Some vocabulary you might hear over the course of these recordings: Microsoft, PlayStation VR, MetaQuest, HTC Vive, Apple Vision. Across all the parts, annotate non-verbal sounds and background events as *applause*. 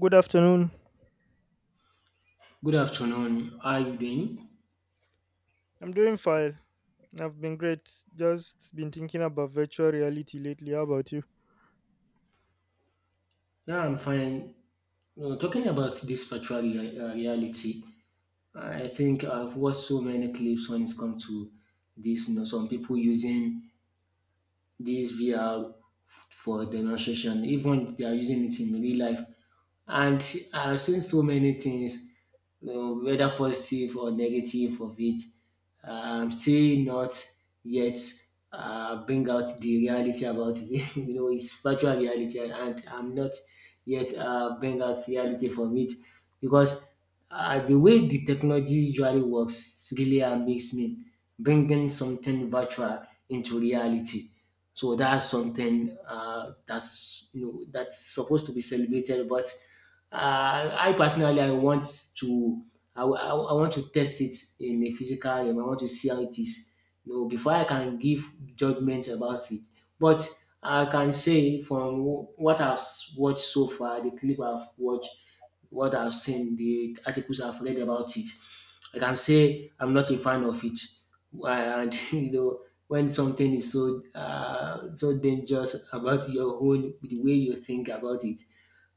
Good afternoon. Good afternoon. How are you doing? I'm doing fine. I've been great. Just been thinking about virtual reality lately. How about you? Yeah, I'm fine. Talking about this reality, I think I've watched so many clips when it's come to this. You know, some people using this VR for demonstration, even they are using it in real life. And I've seen so many things, you know, whether positive or negative of it. I'm still not yet bring out the reality about it. *laughs* It's virtual reality, and I'm not yet bring out reality from it because the way the technology usually works really makes me bringing something virtual into reality. So that's something that's that's supposed to be celebrated, but I personally, I want to, I want to test it in a physical realm. I want to see how it is, you know, before I can give judgment about it. But I can say from what I've watched so far, the clip I've watched, what I've seen, the articles I've read about it, I can say I'm not a fan of it. And *laughs* you know, when something is so so dangerous about your own, the way you think about it,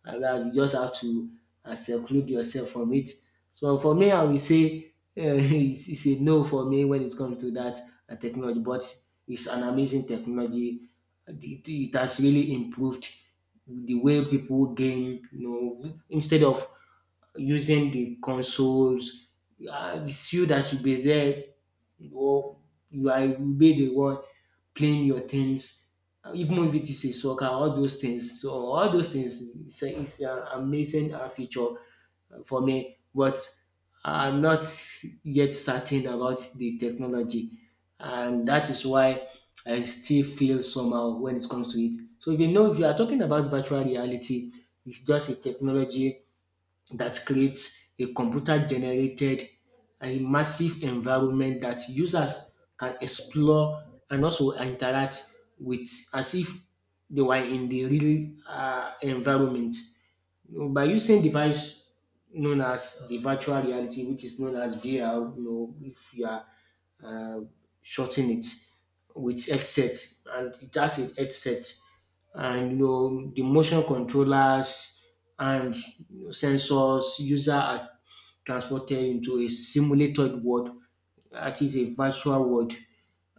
and that's you just have to seclude yourself from it. So for me, I will say *laughs* it's a no for me when it comes to that technology, but it's an amazing technology. It has really improved the way people game. You know, instead of using the consoles, it's you that should be there or you are you be the one playing your tennis, even if it is a soccer, all those things. So all those things is an amazing feature for me. But I'm not yet certain about the technology, and that is why I still feel somehow when it comes to it. So if you know, if you are talking about virtual reality, it's just a technology that creates a computer generated a massive environment that users can explore and also interact with as if they were in the real environment. You know, by using device known as the virtual reality, which is known as VR, you know, if you are uh, shorten it with headset and it has a headset and you know the motion controllers and you know, sensors user are transported into a simulated world that is a virtual world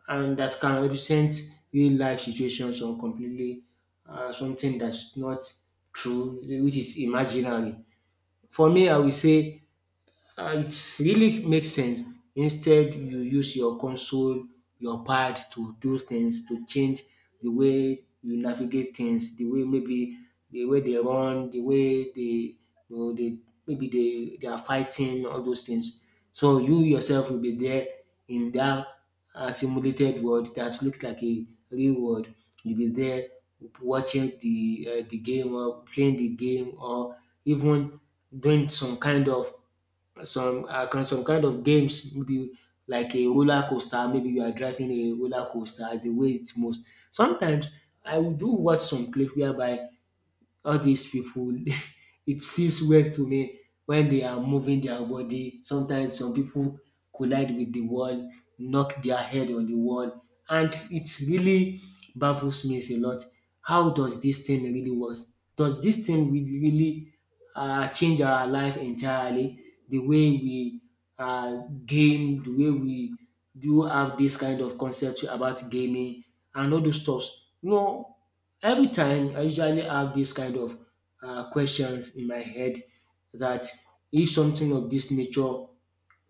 and that can represent real life situations or completely something that's not true which is imaginary. For me I will say it really makes sense. Instead, you use your console, your pad to do things, to change the way you navigate things, the way maybe the way they run, the way they you know they maybe they are fighting, all those things. So you yourself will be there in that simulated world that looks like a real world. You'll be there watching the game or playing the game or even doing some kind of some kind of games maybe like a roller coaster maybe you are driving a roller coaster as the way it moves. Sometimes I will do watch some clip whereby all these people, *laughs* it feels weird to me when they are moving their body. Sometimes some people collide with the wall, knock their head on the wall and it really baffles me a lot. How does this thing really work? Does this thing will really change our life entirely? The way we game, the way we do have this kind of concept about gaming and all those stuffs. You know, every time I usually have this kind of questions in my head that if something of this nature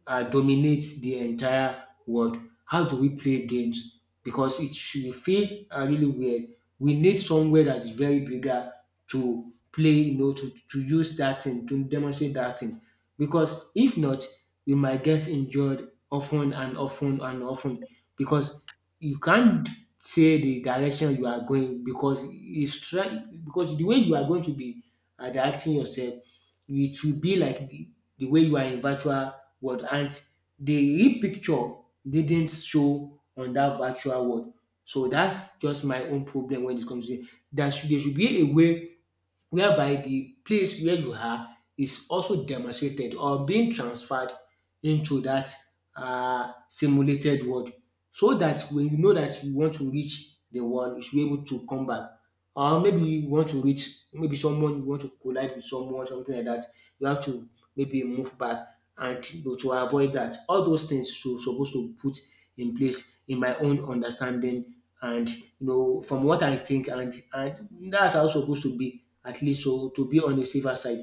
dominates the entire world. How do we play games? Because it should feel really weird. We need somewhere that is very bigger to play, you know, to use that thing, to demonstrate that thing. Because if not, you might get injured often and often and often because you can't say the direction you are going because it's try because the way you are going to be directing yourself, it will be like the way you are in virtual world and the real picture didn't show on that virtual world. So that's just my own problem when it comes to it. There should be a way whereby the place where you are is also demonstrated or being transferred into that simulated world so that when you know that you want to reach the world you should be able to come back or maybe you want to reach maybe someone you want to collide with someone something like that you have to maybe move back and you know, to avoid that all those things you supposed to put in place in my own understanding and you know from what I think and that's how it's supposed to be at least so to be on the safer side.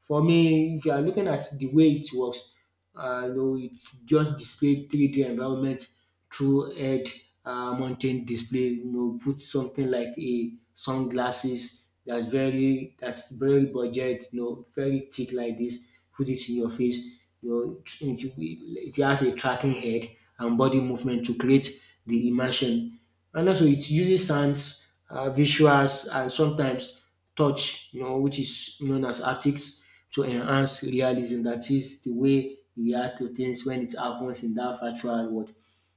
For me, if you are looking at the way it works, you know, it just display 3D environment through head mountain display. You know, put something like a sunglasses that's very budget. You know, very thick like this. Put it in your face. You know, it has a tracking head and body movement to create the immersion. And also, it uses sounds, visuals, and sometimes touch, you know, which is known as haptics, to enhance realism. That is the way you react to things when it happens in that virtual world.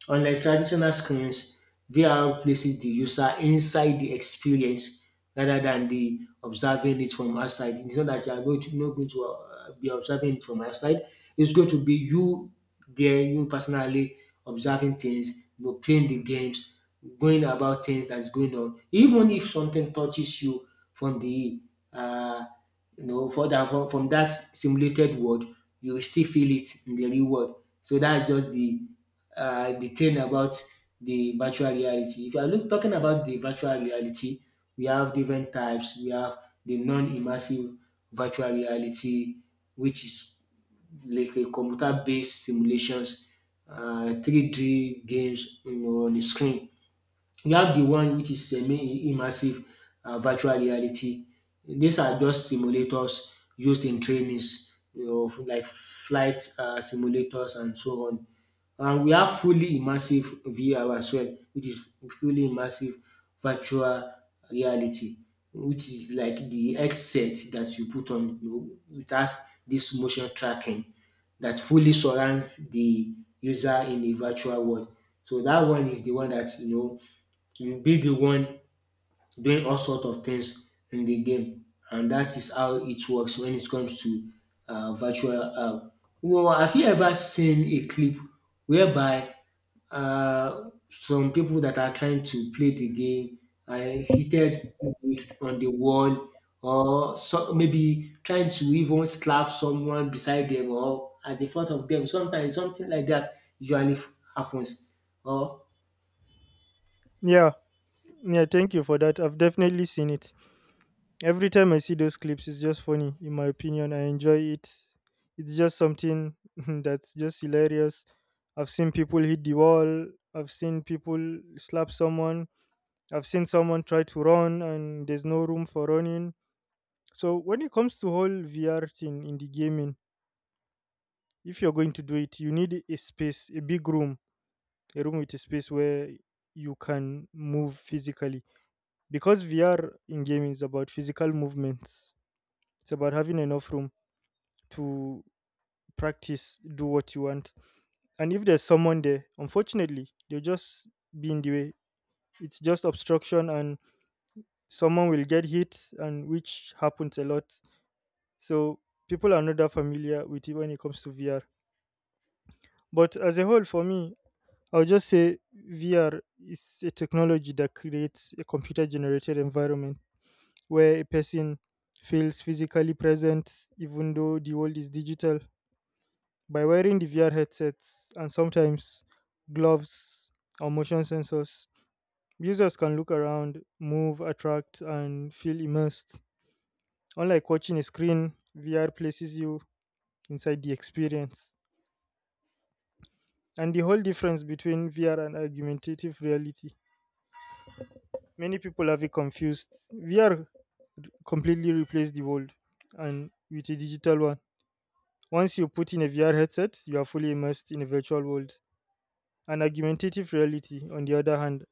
Unlike traditional screens, VR places the user inside the experience rather than the observing it from outside. It's not that you are going to not going to be observing it from outside. It's going to be you there, you personally observing things, you know, playing the games, going about things that's going on. Even if something touches you from the uh, you know, for that from that simulated world, you will still feel it in the real world. So that's just the detail about the virtual reality. If you are talking about the virtual reality, we have different types. We have the non-immersive virtual reality, which is like a computer-based simulations, 3D games, you know, on the screen we have the one which is semi-immersive virtual reality. These are just simulators used in trainings you of like flight simulators and so on. And we have fully immersive VR as well which is fully immersive virtual reality which is like the headset that you put on you know it has this motion tracking that fully surrounds the user in the virtual world. So that one is the one that you know you be the one doing all sorts of things in the game, and that is how it works when it comes to virtual. Well, have you ever seen a clip whereby some people that are trying to play the game are hitted with- on the wall, or so, maybe trying to even slap someone beside them or at the front of them? Sometimes something like that usually happens. Or Yeah. Yeah, thank you for that. I've definitely seen it. Every time I see those clips, it's just funny, in my opinion. I enjoy it. It's just something *laughs* that's just hilarious. I've seen people hit the wall. I've seen people slap someone. I've seen someone try to run and there's no room for running. So when it comes to whole VR thing in the gaming, if you're going to do it, you need a space, a big room, a room with a space where you can move physically, because vr in gaming is about physical movements. It's about having enough room to practice, do what you want. And if there's someone there, unfortunately they'll just be in the way. It's just obstruction, and someone will get hit, and which happens a lot. So people are not that familiar with it when it comes to vr. But as a whole, for me, I will just say VR is a technology that creates a computer generated environment where a person feels physically present even though the world is digital. By wearing the VR headsets and sometimes gloves or motion sensors, users can look around, move, attract, and feel immersed. Unlike watching a screen, VR places you inside the experience. And the whole difference between VR and argumentative reality, many people have it confused. VR completely replace the world and with a digital one. Once you put in a VR headset, you are fully immersed in a virtual world. An augmentative reality, on the other hand,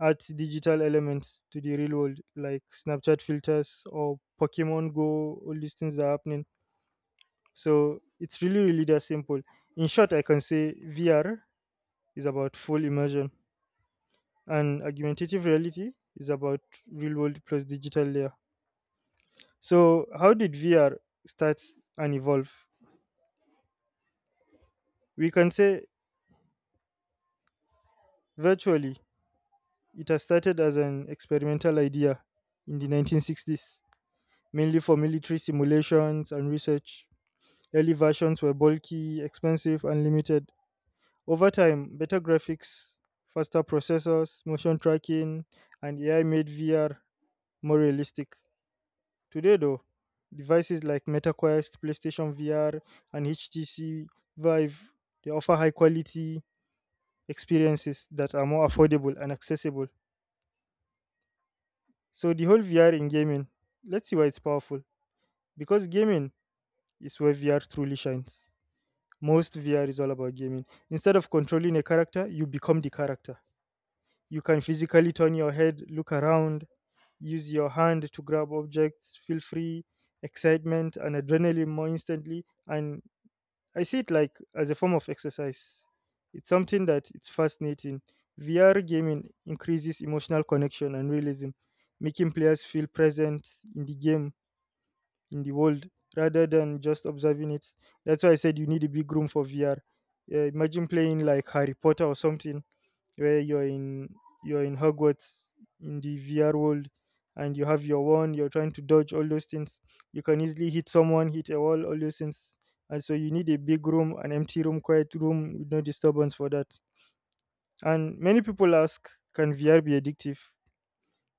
adds digital elements to the real world, like Snapchat filters or Pokemon Go, all these things are happening. So it's really, really that simple. In short, I can say VR is about full immersion, and augmentative reality is about real world plus digital layer. So, how did VR start and evolve? We can say, virtually, it has started as an experimental idea in the 1960s, mainly for military simulations and research. Early versions were bulky, expensive, and limited. Over time, better graphics, faster processors, motion tracking, and AI made VR more realistic. Today, though, devices like MetaQuest, PlayStation VR, and HTC Vive, they offer high quality experiences that are more affordable and accessible. So the whole VR in gaming, let's see why it's powerful. Because gaming is where VR truly shines. Most VR is all about gaming. Instead of controlling a character, you become the character. You can physically turn your head, look around, use your hand to grab objects, feel free, excitement and adrenaline more instantly. And I see it like as a form of exercise. It's something that it's fascinating. VR gaming increases emotional connection and realism, making players feel present in the game, in the world, rather than just observing it. That's why I said you need a big room for VR. Yeah, imagine playing like Harry Potter or something where you're in Hogwarts in the VR world, and you have your wand, you're trying to dodge all those things. You can easily hit someone, hit a wall, all those things. And so you need a big room, an empty room, quiet room with no disturbance for that. And many people ask, can VR be addictive?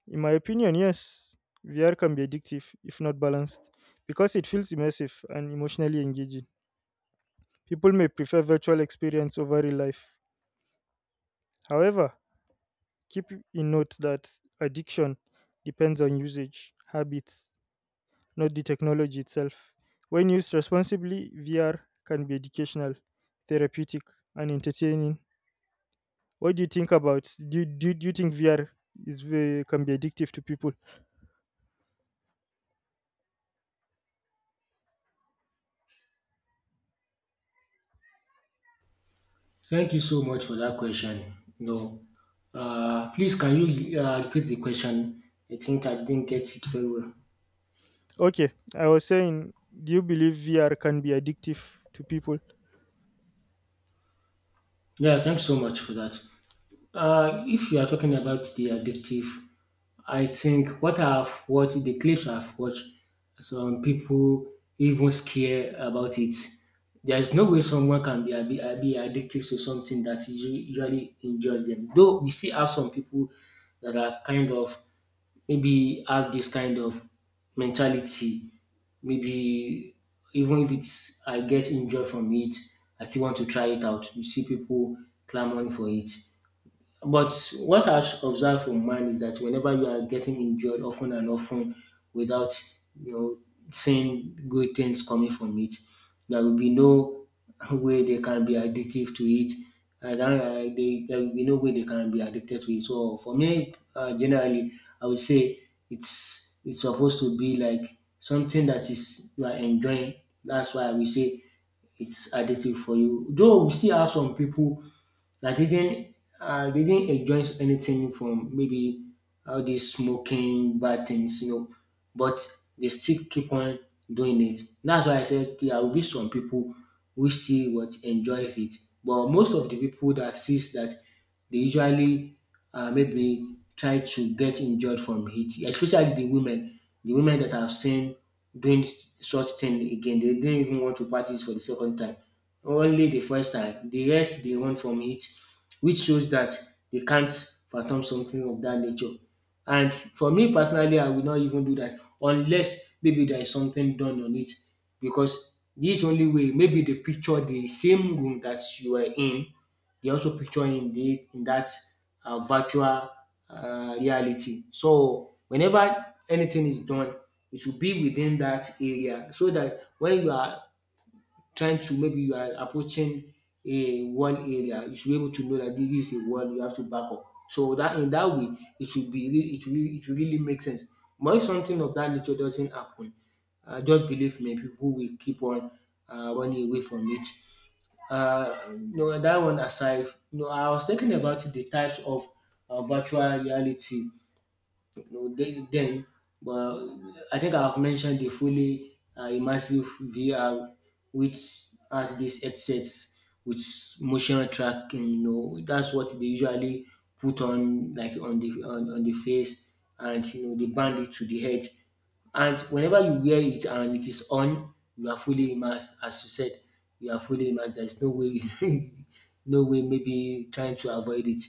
In my opinion, yes, VR can be addictive if not balanced, because it feels immersive and emotionally engaging. People may prefer virtual experience over real life. However, keep in note that addiction depends on usage, habits, not the technology itself. When used responsibly, VR can be educational, therapeutic, and entertaining. What do you think about? Do you think VR can be addictive to people? thank you so much for that question. No, please can you repeat the question? I think I didn't get it very well. Okay, I was saying, do you believe VR can be addictive to people? Yeah, thanks so much for that. If you are talking about the addictive, I think what I've watched, the clips I've watched, some people even scare about it. There's no way someone can be addicted to something that usually enjoys them. Though we still have some people that are kind of maybe have this kind of mentality. Maybe even if it's I get injured from it, I still want to try it out. You see people clamoring for it. But what I've observed from mine is that whenever you are getting injured often and often without you know seeing good things coming from it, there will be no way they can be addictive to it. And there will be no way they can be addicted to it. So for me, generally, I would say it's supposed to be like something that is you are enjoying. That's why we say it's addictive for you. Though we still have some people I didn't I didn't enjoy anything from maybe all these smoking bad things, you know, but they still keep on doing it. That's why I said yeah, there will be some people who still what enjoys it, but most of the people that sees that they usually maybe try to get injured from it, especially the women that I've seen doing such thing again. They didn't even want to practice for the second time only the first time. The rest they run from it, which shows that they can't fathom something of that nature. And for me personally, I will not even do that unless maybe there is something done on it because this only way maybe they picture the same room that you were in, they also picture in the in that virtual reality. So whenever anything is done, it should be within that area so that when you are trying to maybe you are approaching a one area, you should be able to know that this is a one you have to back up. So that in that way, it should be really, it really make sense. But if something of that nature doesn't happen, just believe me, people will keep on running away from it. That one aside, I was thinking about the types of virtual reality no, then well, I think I've mentioned the fully immersive VR, which has these headsets with motion tracking. You know, that's what they usually put on, like on on the face, and you know they band it to the head. And whenever you wear it and it is on, you are fully immersed. As you said, you are fully immersed. There is no way, *laughs* no way, maybe trying to avoid it.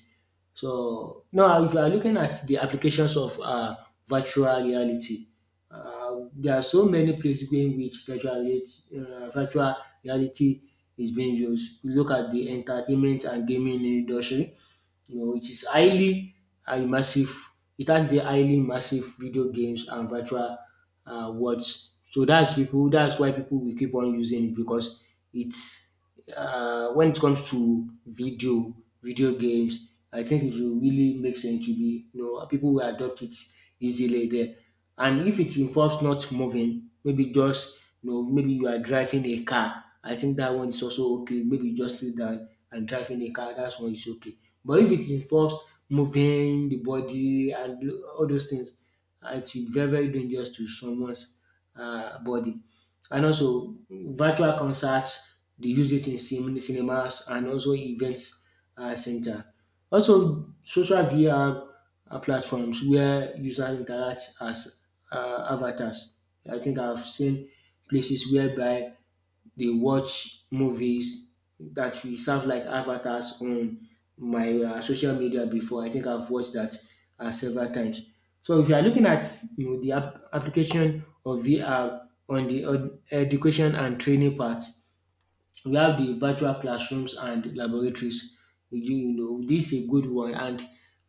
So now if you are looking at the applications of virtual reality, there are so many places in which virtual reality virtual reality is being used. You look at the entertainment and gaming industry, you know, it is highly massive. It has the highly massive video games and virtual worlds. So that's people. That's why people will keep on using it because it's when it comes to video games. I think it will really make sense to be, you know, people will adopt it easily there. And if it involves not moving, maybe just, you know, maybe you are driving a car. I think that one is also okay. Maybe you just sit down and driving a car. That's one is okay. But if it involves moving the body and all those things, it should be very, very dangerous to someone's body. And also, virtual concerts, they use it in cinemas and also events center. Also, social VR platforms where users interact as avatars. I think I've seen places whereby they watch movies that we serve like avatars on my social media before. I think I've watched that several times. So if you are looking at, you know, the application of VR on the education and training part, we have the virtual classrooms and laboratories. You do you know this is a good one, and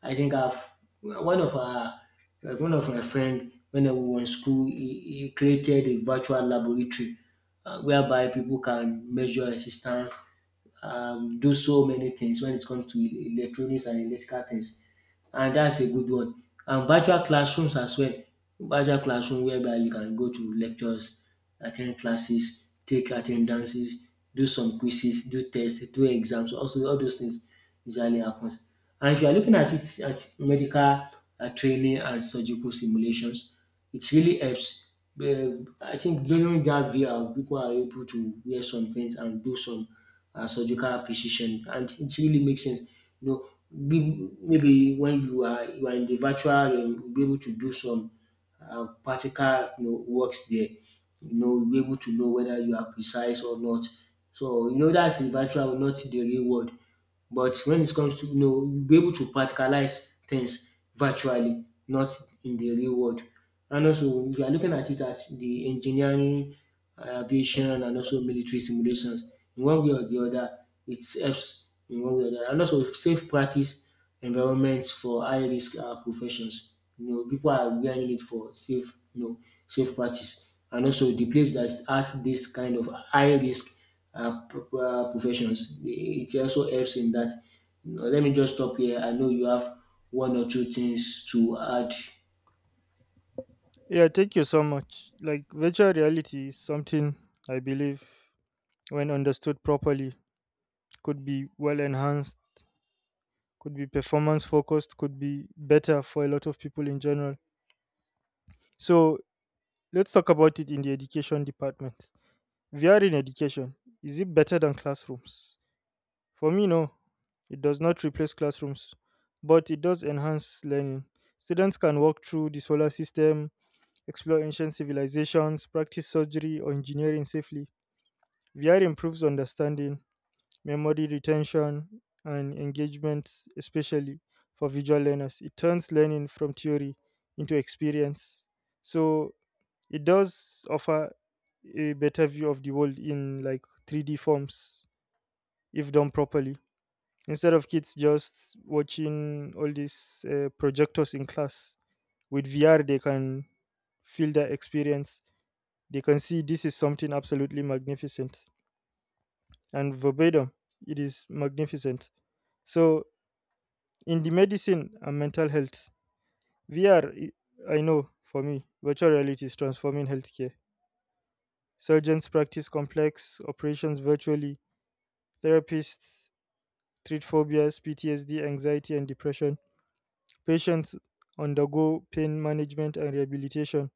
I think I've one of our like one of my friend when we were in school, he created a virtual laboratory whereby people can measure resistance, do so many things when it comes to electronics and electrical things. And that's a good one. And virtual classrooms as well. Virtual classroom whereby you can go to lectures, attend classes, take attendances, do some quizzes, do tests, do exams, also all those things usually happens. And if you are looking at it at medical training and surgical simulations, it really helps. I think during that VR, people are able to wear some things and do some surgical precision, and it really makes sense. You know, maybe when you are in the virtual realm, you'll be able to do some practical, you know, works there. You know, you'll be able to know whether you are precise or not. So you know that's the virtual, not the real world. But when it comes to, you know, you'll be able to practicalize things virtually, not in the real world. And also, if you are looking at it at the engineering aviation and also military simulations. In one way or the other, it helps in one way or the other. And also safe practice environments for high risk professions. You know, people are wearing it for safe, you know, safe practice. And also the place that has this kind of high risk professions, it also helps in that. You know, let me just stop here. I know you have one or two things to add. Yeah, thank you so much. Like, virtual reality is something I believe, when understood properly, could be well enhanced, could be performance focused, could be better for a lot of people in general. So, let's talk about it in the education department. VR in education, is it better than classrooms? For me, no. It does not replace classrooms, but it does enhance learning. Students can walk through the solar system, explore ancient civilizations, practice surgery or engineering safely. VR improves understanding, memory retention, and engagement, especially for visual learners. It turns learning from theory into experience. So it does offer a better view of the world in like 3D forms if done properly. Instead of kids just watching all these projectors in class, with VR they can feel that experience. They can see this is something absolutely magnificent. And verbatim, it is magnificent. So, in the medicine and mental health, VR, i- I know for me, virtual reality is transforming healthcare. Surgeons practice complex operations virtually, therapists treat phobias, PTSD, anxiety, and depression. Patients undergo pain management and rehabilitation.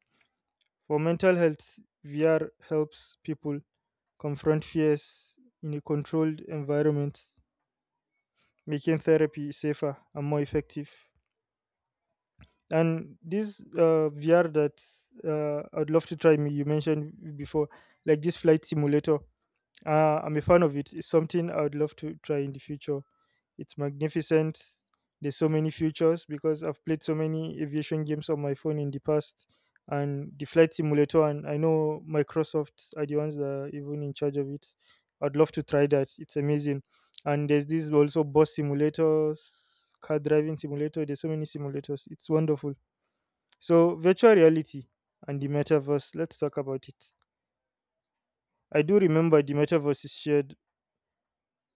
For mental health, VR helps people confront fears in a controlled environment, making therapy safer and more effective. And this VR that I'd love to try, me you mentioned before, like this flight simulator. Uh, I'm a fan of it. It's something I would love to try in the future. It's magnificent. There's so many futures because I've played so many aviation games on my phone in the past. And the flight simulator, and I know Microsoft are the ones that are even in charge of it. I'd love to try that. It's amazing. And there's this also bus simulators, car driving simulator. There's so many simulators. It's wonderful. So virtual reality and the metaverse. Let's talk about it. I do remember the metaverse is shared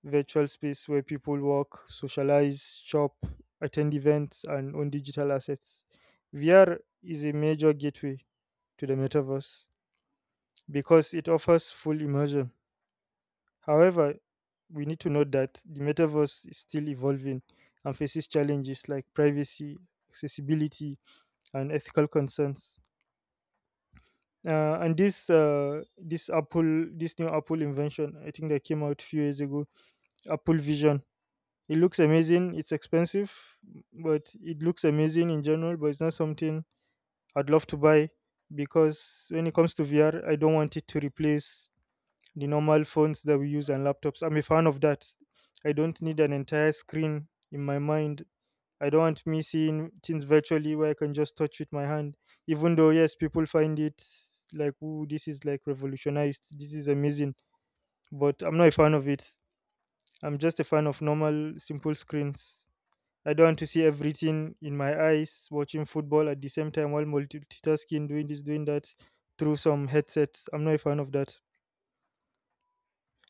virtual space where people work, socialize, shop, attend events, and own digital assets. VR is a major gateway to the metaverse because it offers full immersion. However, we need to note that the metaverse is still evolving and faces challenges like privacy, accessibility, and ethical concerns. And this Apple this new Apple invention, I think that came out a few years ago, Apple Vision. It looks amazing. It's expensive, but it looks amazing in general. But it's not something I'd love to buy, because when it comes to VR, I don't want it to replace the normal phones that we use and laptops. I'm a fan of that. I don't need an entire screen in my mind. I don't want me seeing things virtually where I can just touch with my hand. Even though, yes, people find it like, ooh, this is like revolutionized. This is amazing. But I'm not a fan of it. I'm just a fan of normal, simple screens. I don't want to see everything in my eyes watching football at the same time while multitasking, doing this, doing that through some headsets. I'm not a fan of that.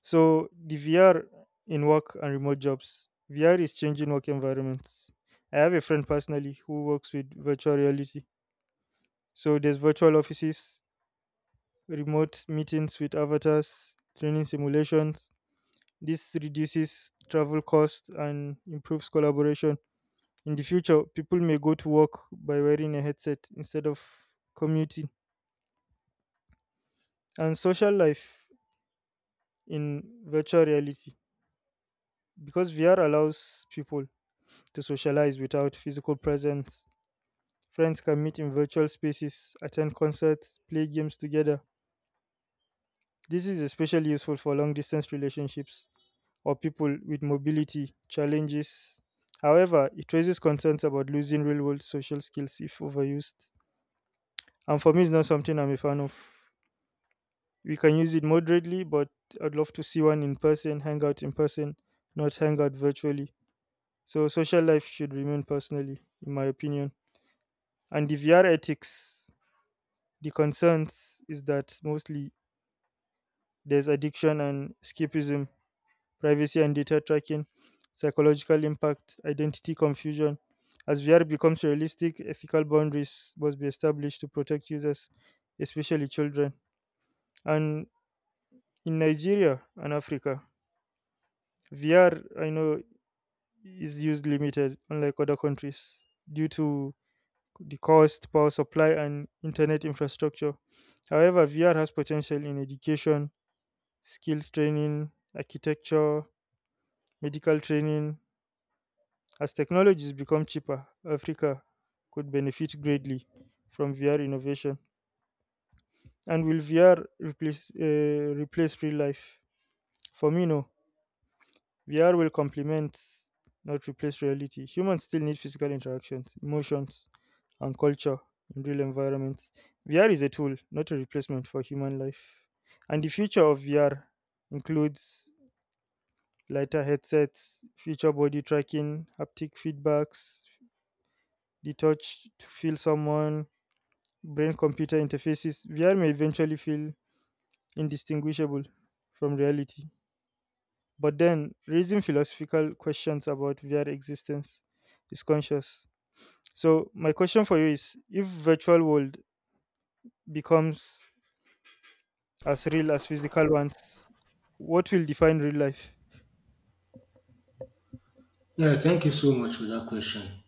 So the VR in work and remote jobs, VR is changing work environments. I have a friend personally who works with virtual reality. So there's virtual offices, remote meetings with avatars, training simulations. This reduces travel costs and improves collaboration. In the future, people may go to work by wearing a headset instead of commuting. And social life in virtual reality. Because VR allows people to socialize without physical presence, friends can meet in virtual spaces, attend concerts, play games together. This is especially useful for long distance relationships or people with mobility challenges. However, it raises concerns about losing real world social skills if overused. And for me, it's not something I'm a fan of. We can use it moderately, but I'd love to see one in person, hang out in person, not hang out virtually. So social life should remain personally, in my opinion. And the VR ethics, the concerns is that mostly there's addiction and escapism, privacy and data tracking, psychological impact, identity confusion. As VR becomes realistic, ethical boundaries must be established to protect users, especially children. And in Nigeria and Africa, VR, I know, is used limited, unlike other countries, due to the cost, power supply, and internet infrastructure. However, VR has potential in education, skills training, architecture, medical training. As technologies become cheaper, Africa could benefit greatly from VR innovation. And will VR replace real life? For me, no. VR will complement, not replace reality. Humans still need physical interactions, emotions, and culture in real environments. VR is a tool, not a replacement for human life. And the future of VR includes lighter headsets, future body tracking, haptic feedbacks, the touch to feel someone, brain computer interfaces. VR may eventually feel indistinguishable from reality. But then raising philosophical questions about their existence is conscious. So my question for you is if virtual world becomes as real as physical ones, what will define real life? Yeah, thank you so much for that question.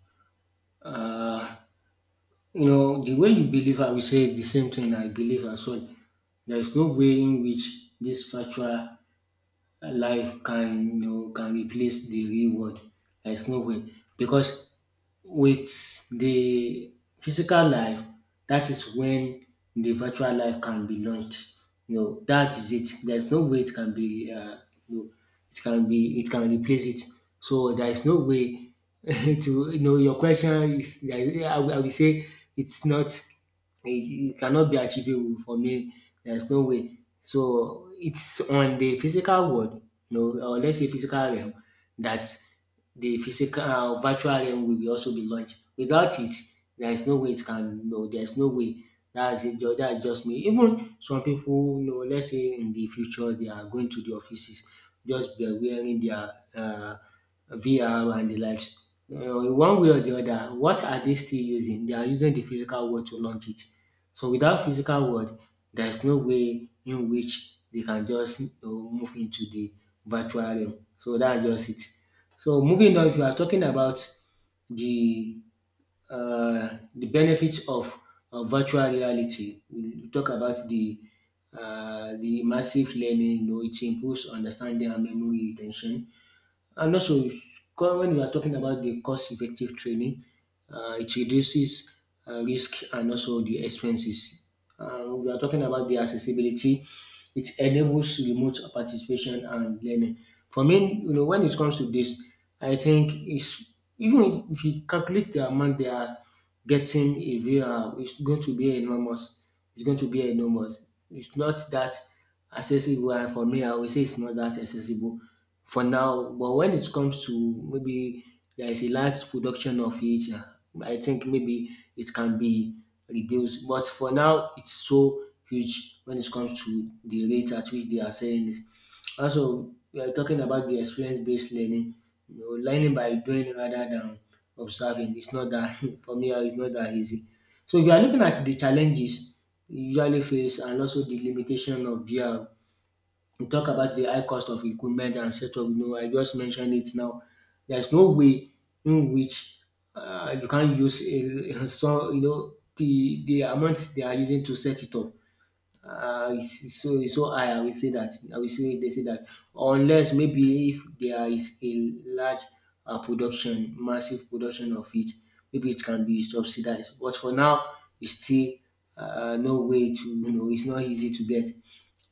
You know, the way you believe, I will say the same thing I believe as well. There is no way in which this virtual life can, you know, can replace the real world. There is no way because with the physical life, that is when the virtual life can be launched. You know, that is it. There's no way it can be, you know, it can replace it. So there is no way *laughs* to, you know, your question is, I will say it's not, it cannot be achievable for me. There's no way. So it's on the physical world, you know, or let's say physical realm, that the physical virtual realm will also be launched. Without it, there is no way it can no, there's no way. That's it. That's just me. Even some people, you know, let's say in the future they are going to the offices, just be wearing their VR and the likes. In one way or the other, what are they still using? They are using the physical world to launch it. So without physical world, there is no way in which they can just, you know, move into the virtual realm. So that's just it. So moving on, if you are talking about the the benefits of virtual reality, we talk about the massive learning. You know, it improves understanding and memory retention, and also, when we are talking about the cost-effective training, it reduces risk and also the expenses. We are talking about the accessibility. It enables remote participation and learning. For me, you know, when it comes to this, I think it's even if you calculate the amount they are getting a VR, it's going to be enormous. It's going to be enormous. It's not that accessible. And for me, I would say it's not that accessible for now. But when it comes to maybe there is a large production of it, I think maybe it can be reduced. But for now, it's so huge when it comes to the rate at which they are selling it. Also, we are talking about the experience-based learning. You know, learning by doing rather than observing. It's not that *laughs* for me, it's not that easy. So if you are looking at the challenges you usually face and also the limitation of VR, we talk about the high cost of equipment and setup. You know, I just mentioned it now. There's no way in which you can use a, *laughs* so you know the amount they are using to set it up. It's so high. I will say that. I will say they say that unless maybe if there is a large production, massive production of it, maybe it can be subsidized. But for now, it's still no way to you know. It's not easy to get.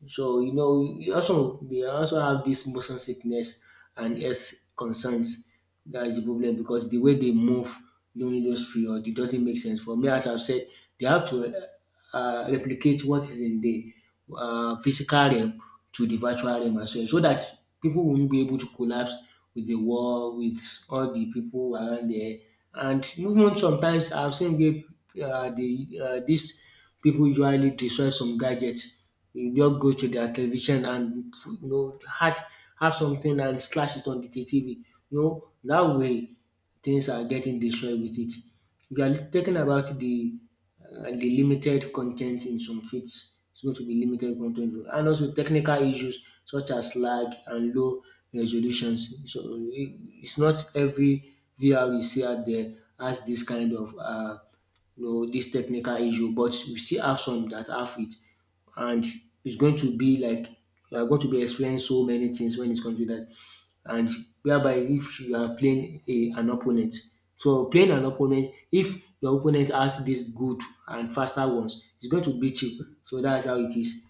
So you know, you also we also have this motion sickness and health concerns. That is the problem because the way they move during those period, it doesn't make sense. For me, as I've said, they have to replicate what is in the physical realm to the virtual realm as well, so that people won't be able to collapse with the war, with all the people around there. And even sometimes I've seen where these people usually destroy some gadgets, you just go to their television and you know add have something and slash it on the TV. You know that way things are getting destroyed with it. We are talking about the limited content in some fields. It's going to be limited content and also technical issues such as lag and low resolutions. So it's not every VR you see out there has this kind of, you know, this technical issue, but we still have some that have it and it's going to be like you are going to be experiencing so many things when it comes to that. And whereby if you are playing an opponent, so playing an opponent, if your opponent has these good and faster ones, it's going to beat you. So that's how it is.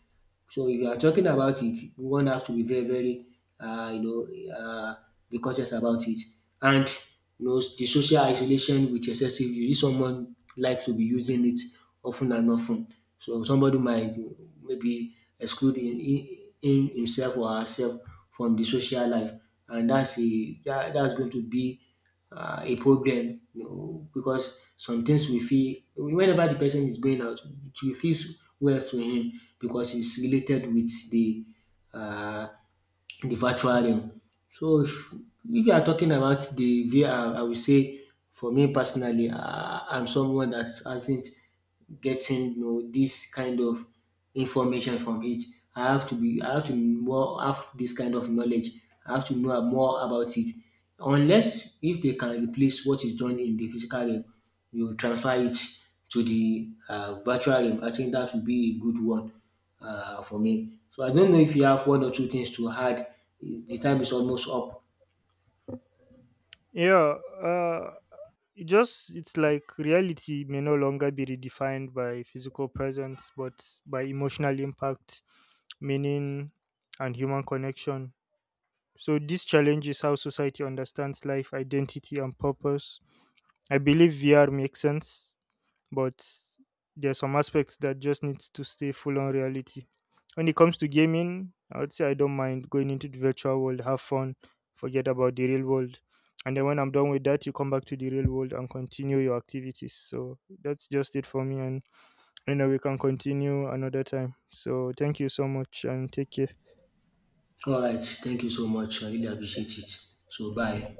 So if you are talking about it, one has to be very, very, uh, you know, uh, be cautious about it. And you know, the social isolation with excessive use. If someone likes to be using it often and often, so somebody might maybe exclude in himself or herself from the social life, and that's going to be a problem, you know, because sometimes we feel whenever the person is going out it will feel well to him because it's related with uh, the virtual realm. So if you are talking about the VR, I will say for me personally, I'm someone that hasn't getting, you know, this kind of information from it. I have to more have this kind of knowledge. I have to know more about it. Unless if they can replace what is done in the physical realm, you transfer it to the virtual realm. I think that would be a good one for me. So I don't know if you have one or two things to add. The time is almost up. Yeah, uh it just it's like reality may no longer be redefined by physical presence, but by emotional impact, meaning and human connection. So this challenges how society understands life, identity and purpose. I believe VR makes sense, but there are some aspects that just needs to stay full on reality. When it comes to gaming, I would say I don't mind going into the virtual world, have fun, forget about the real world. And then when I'm done with that, you come back to the real world and continue your activities. So that's just it for me. And you know, we can continue another time. So thank you so much and take care. All right. Thank you so much. I really appreciate it. So bye.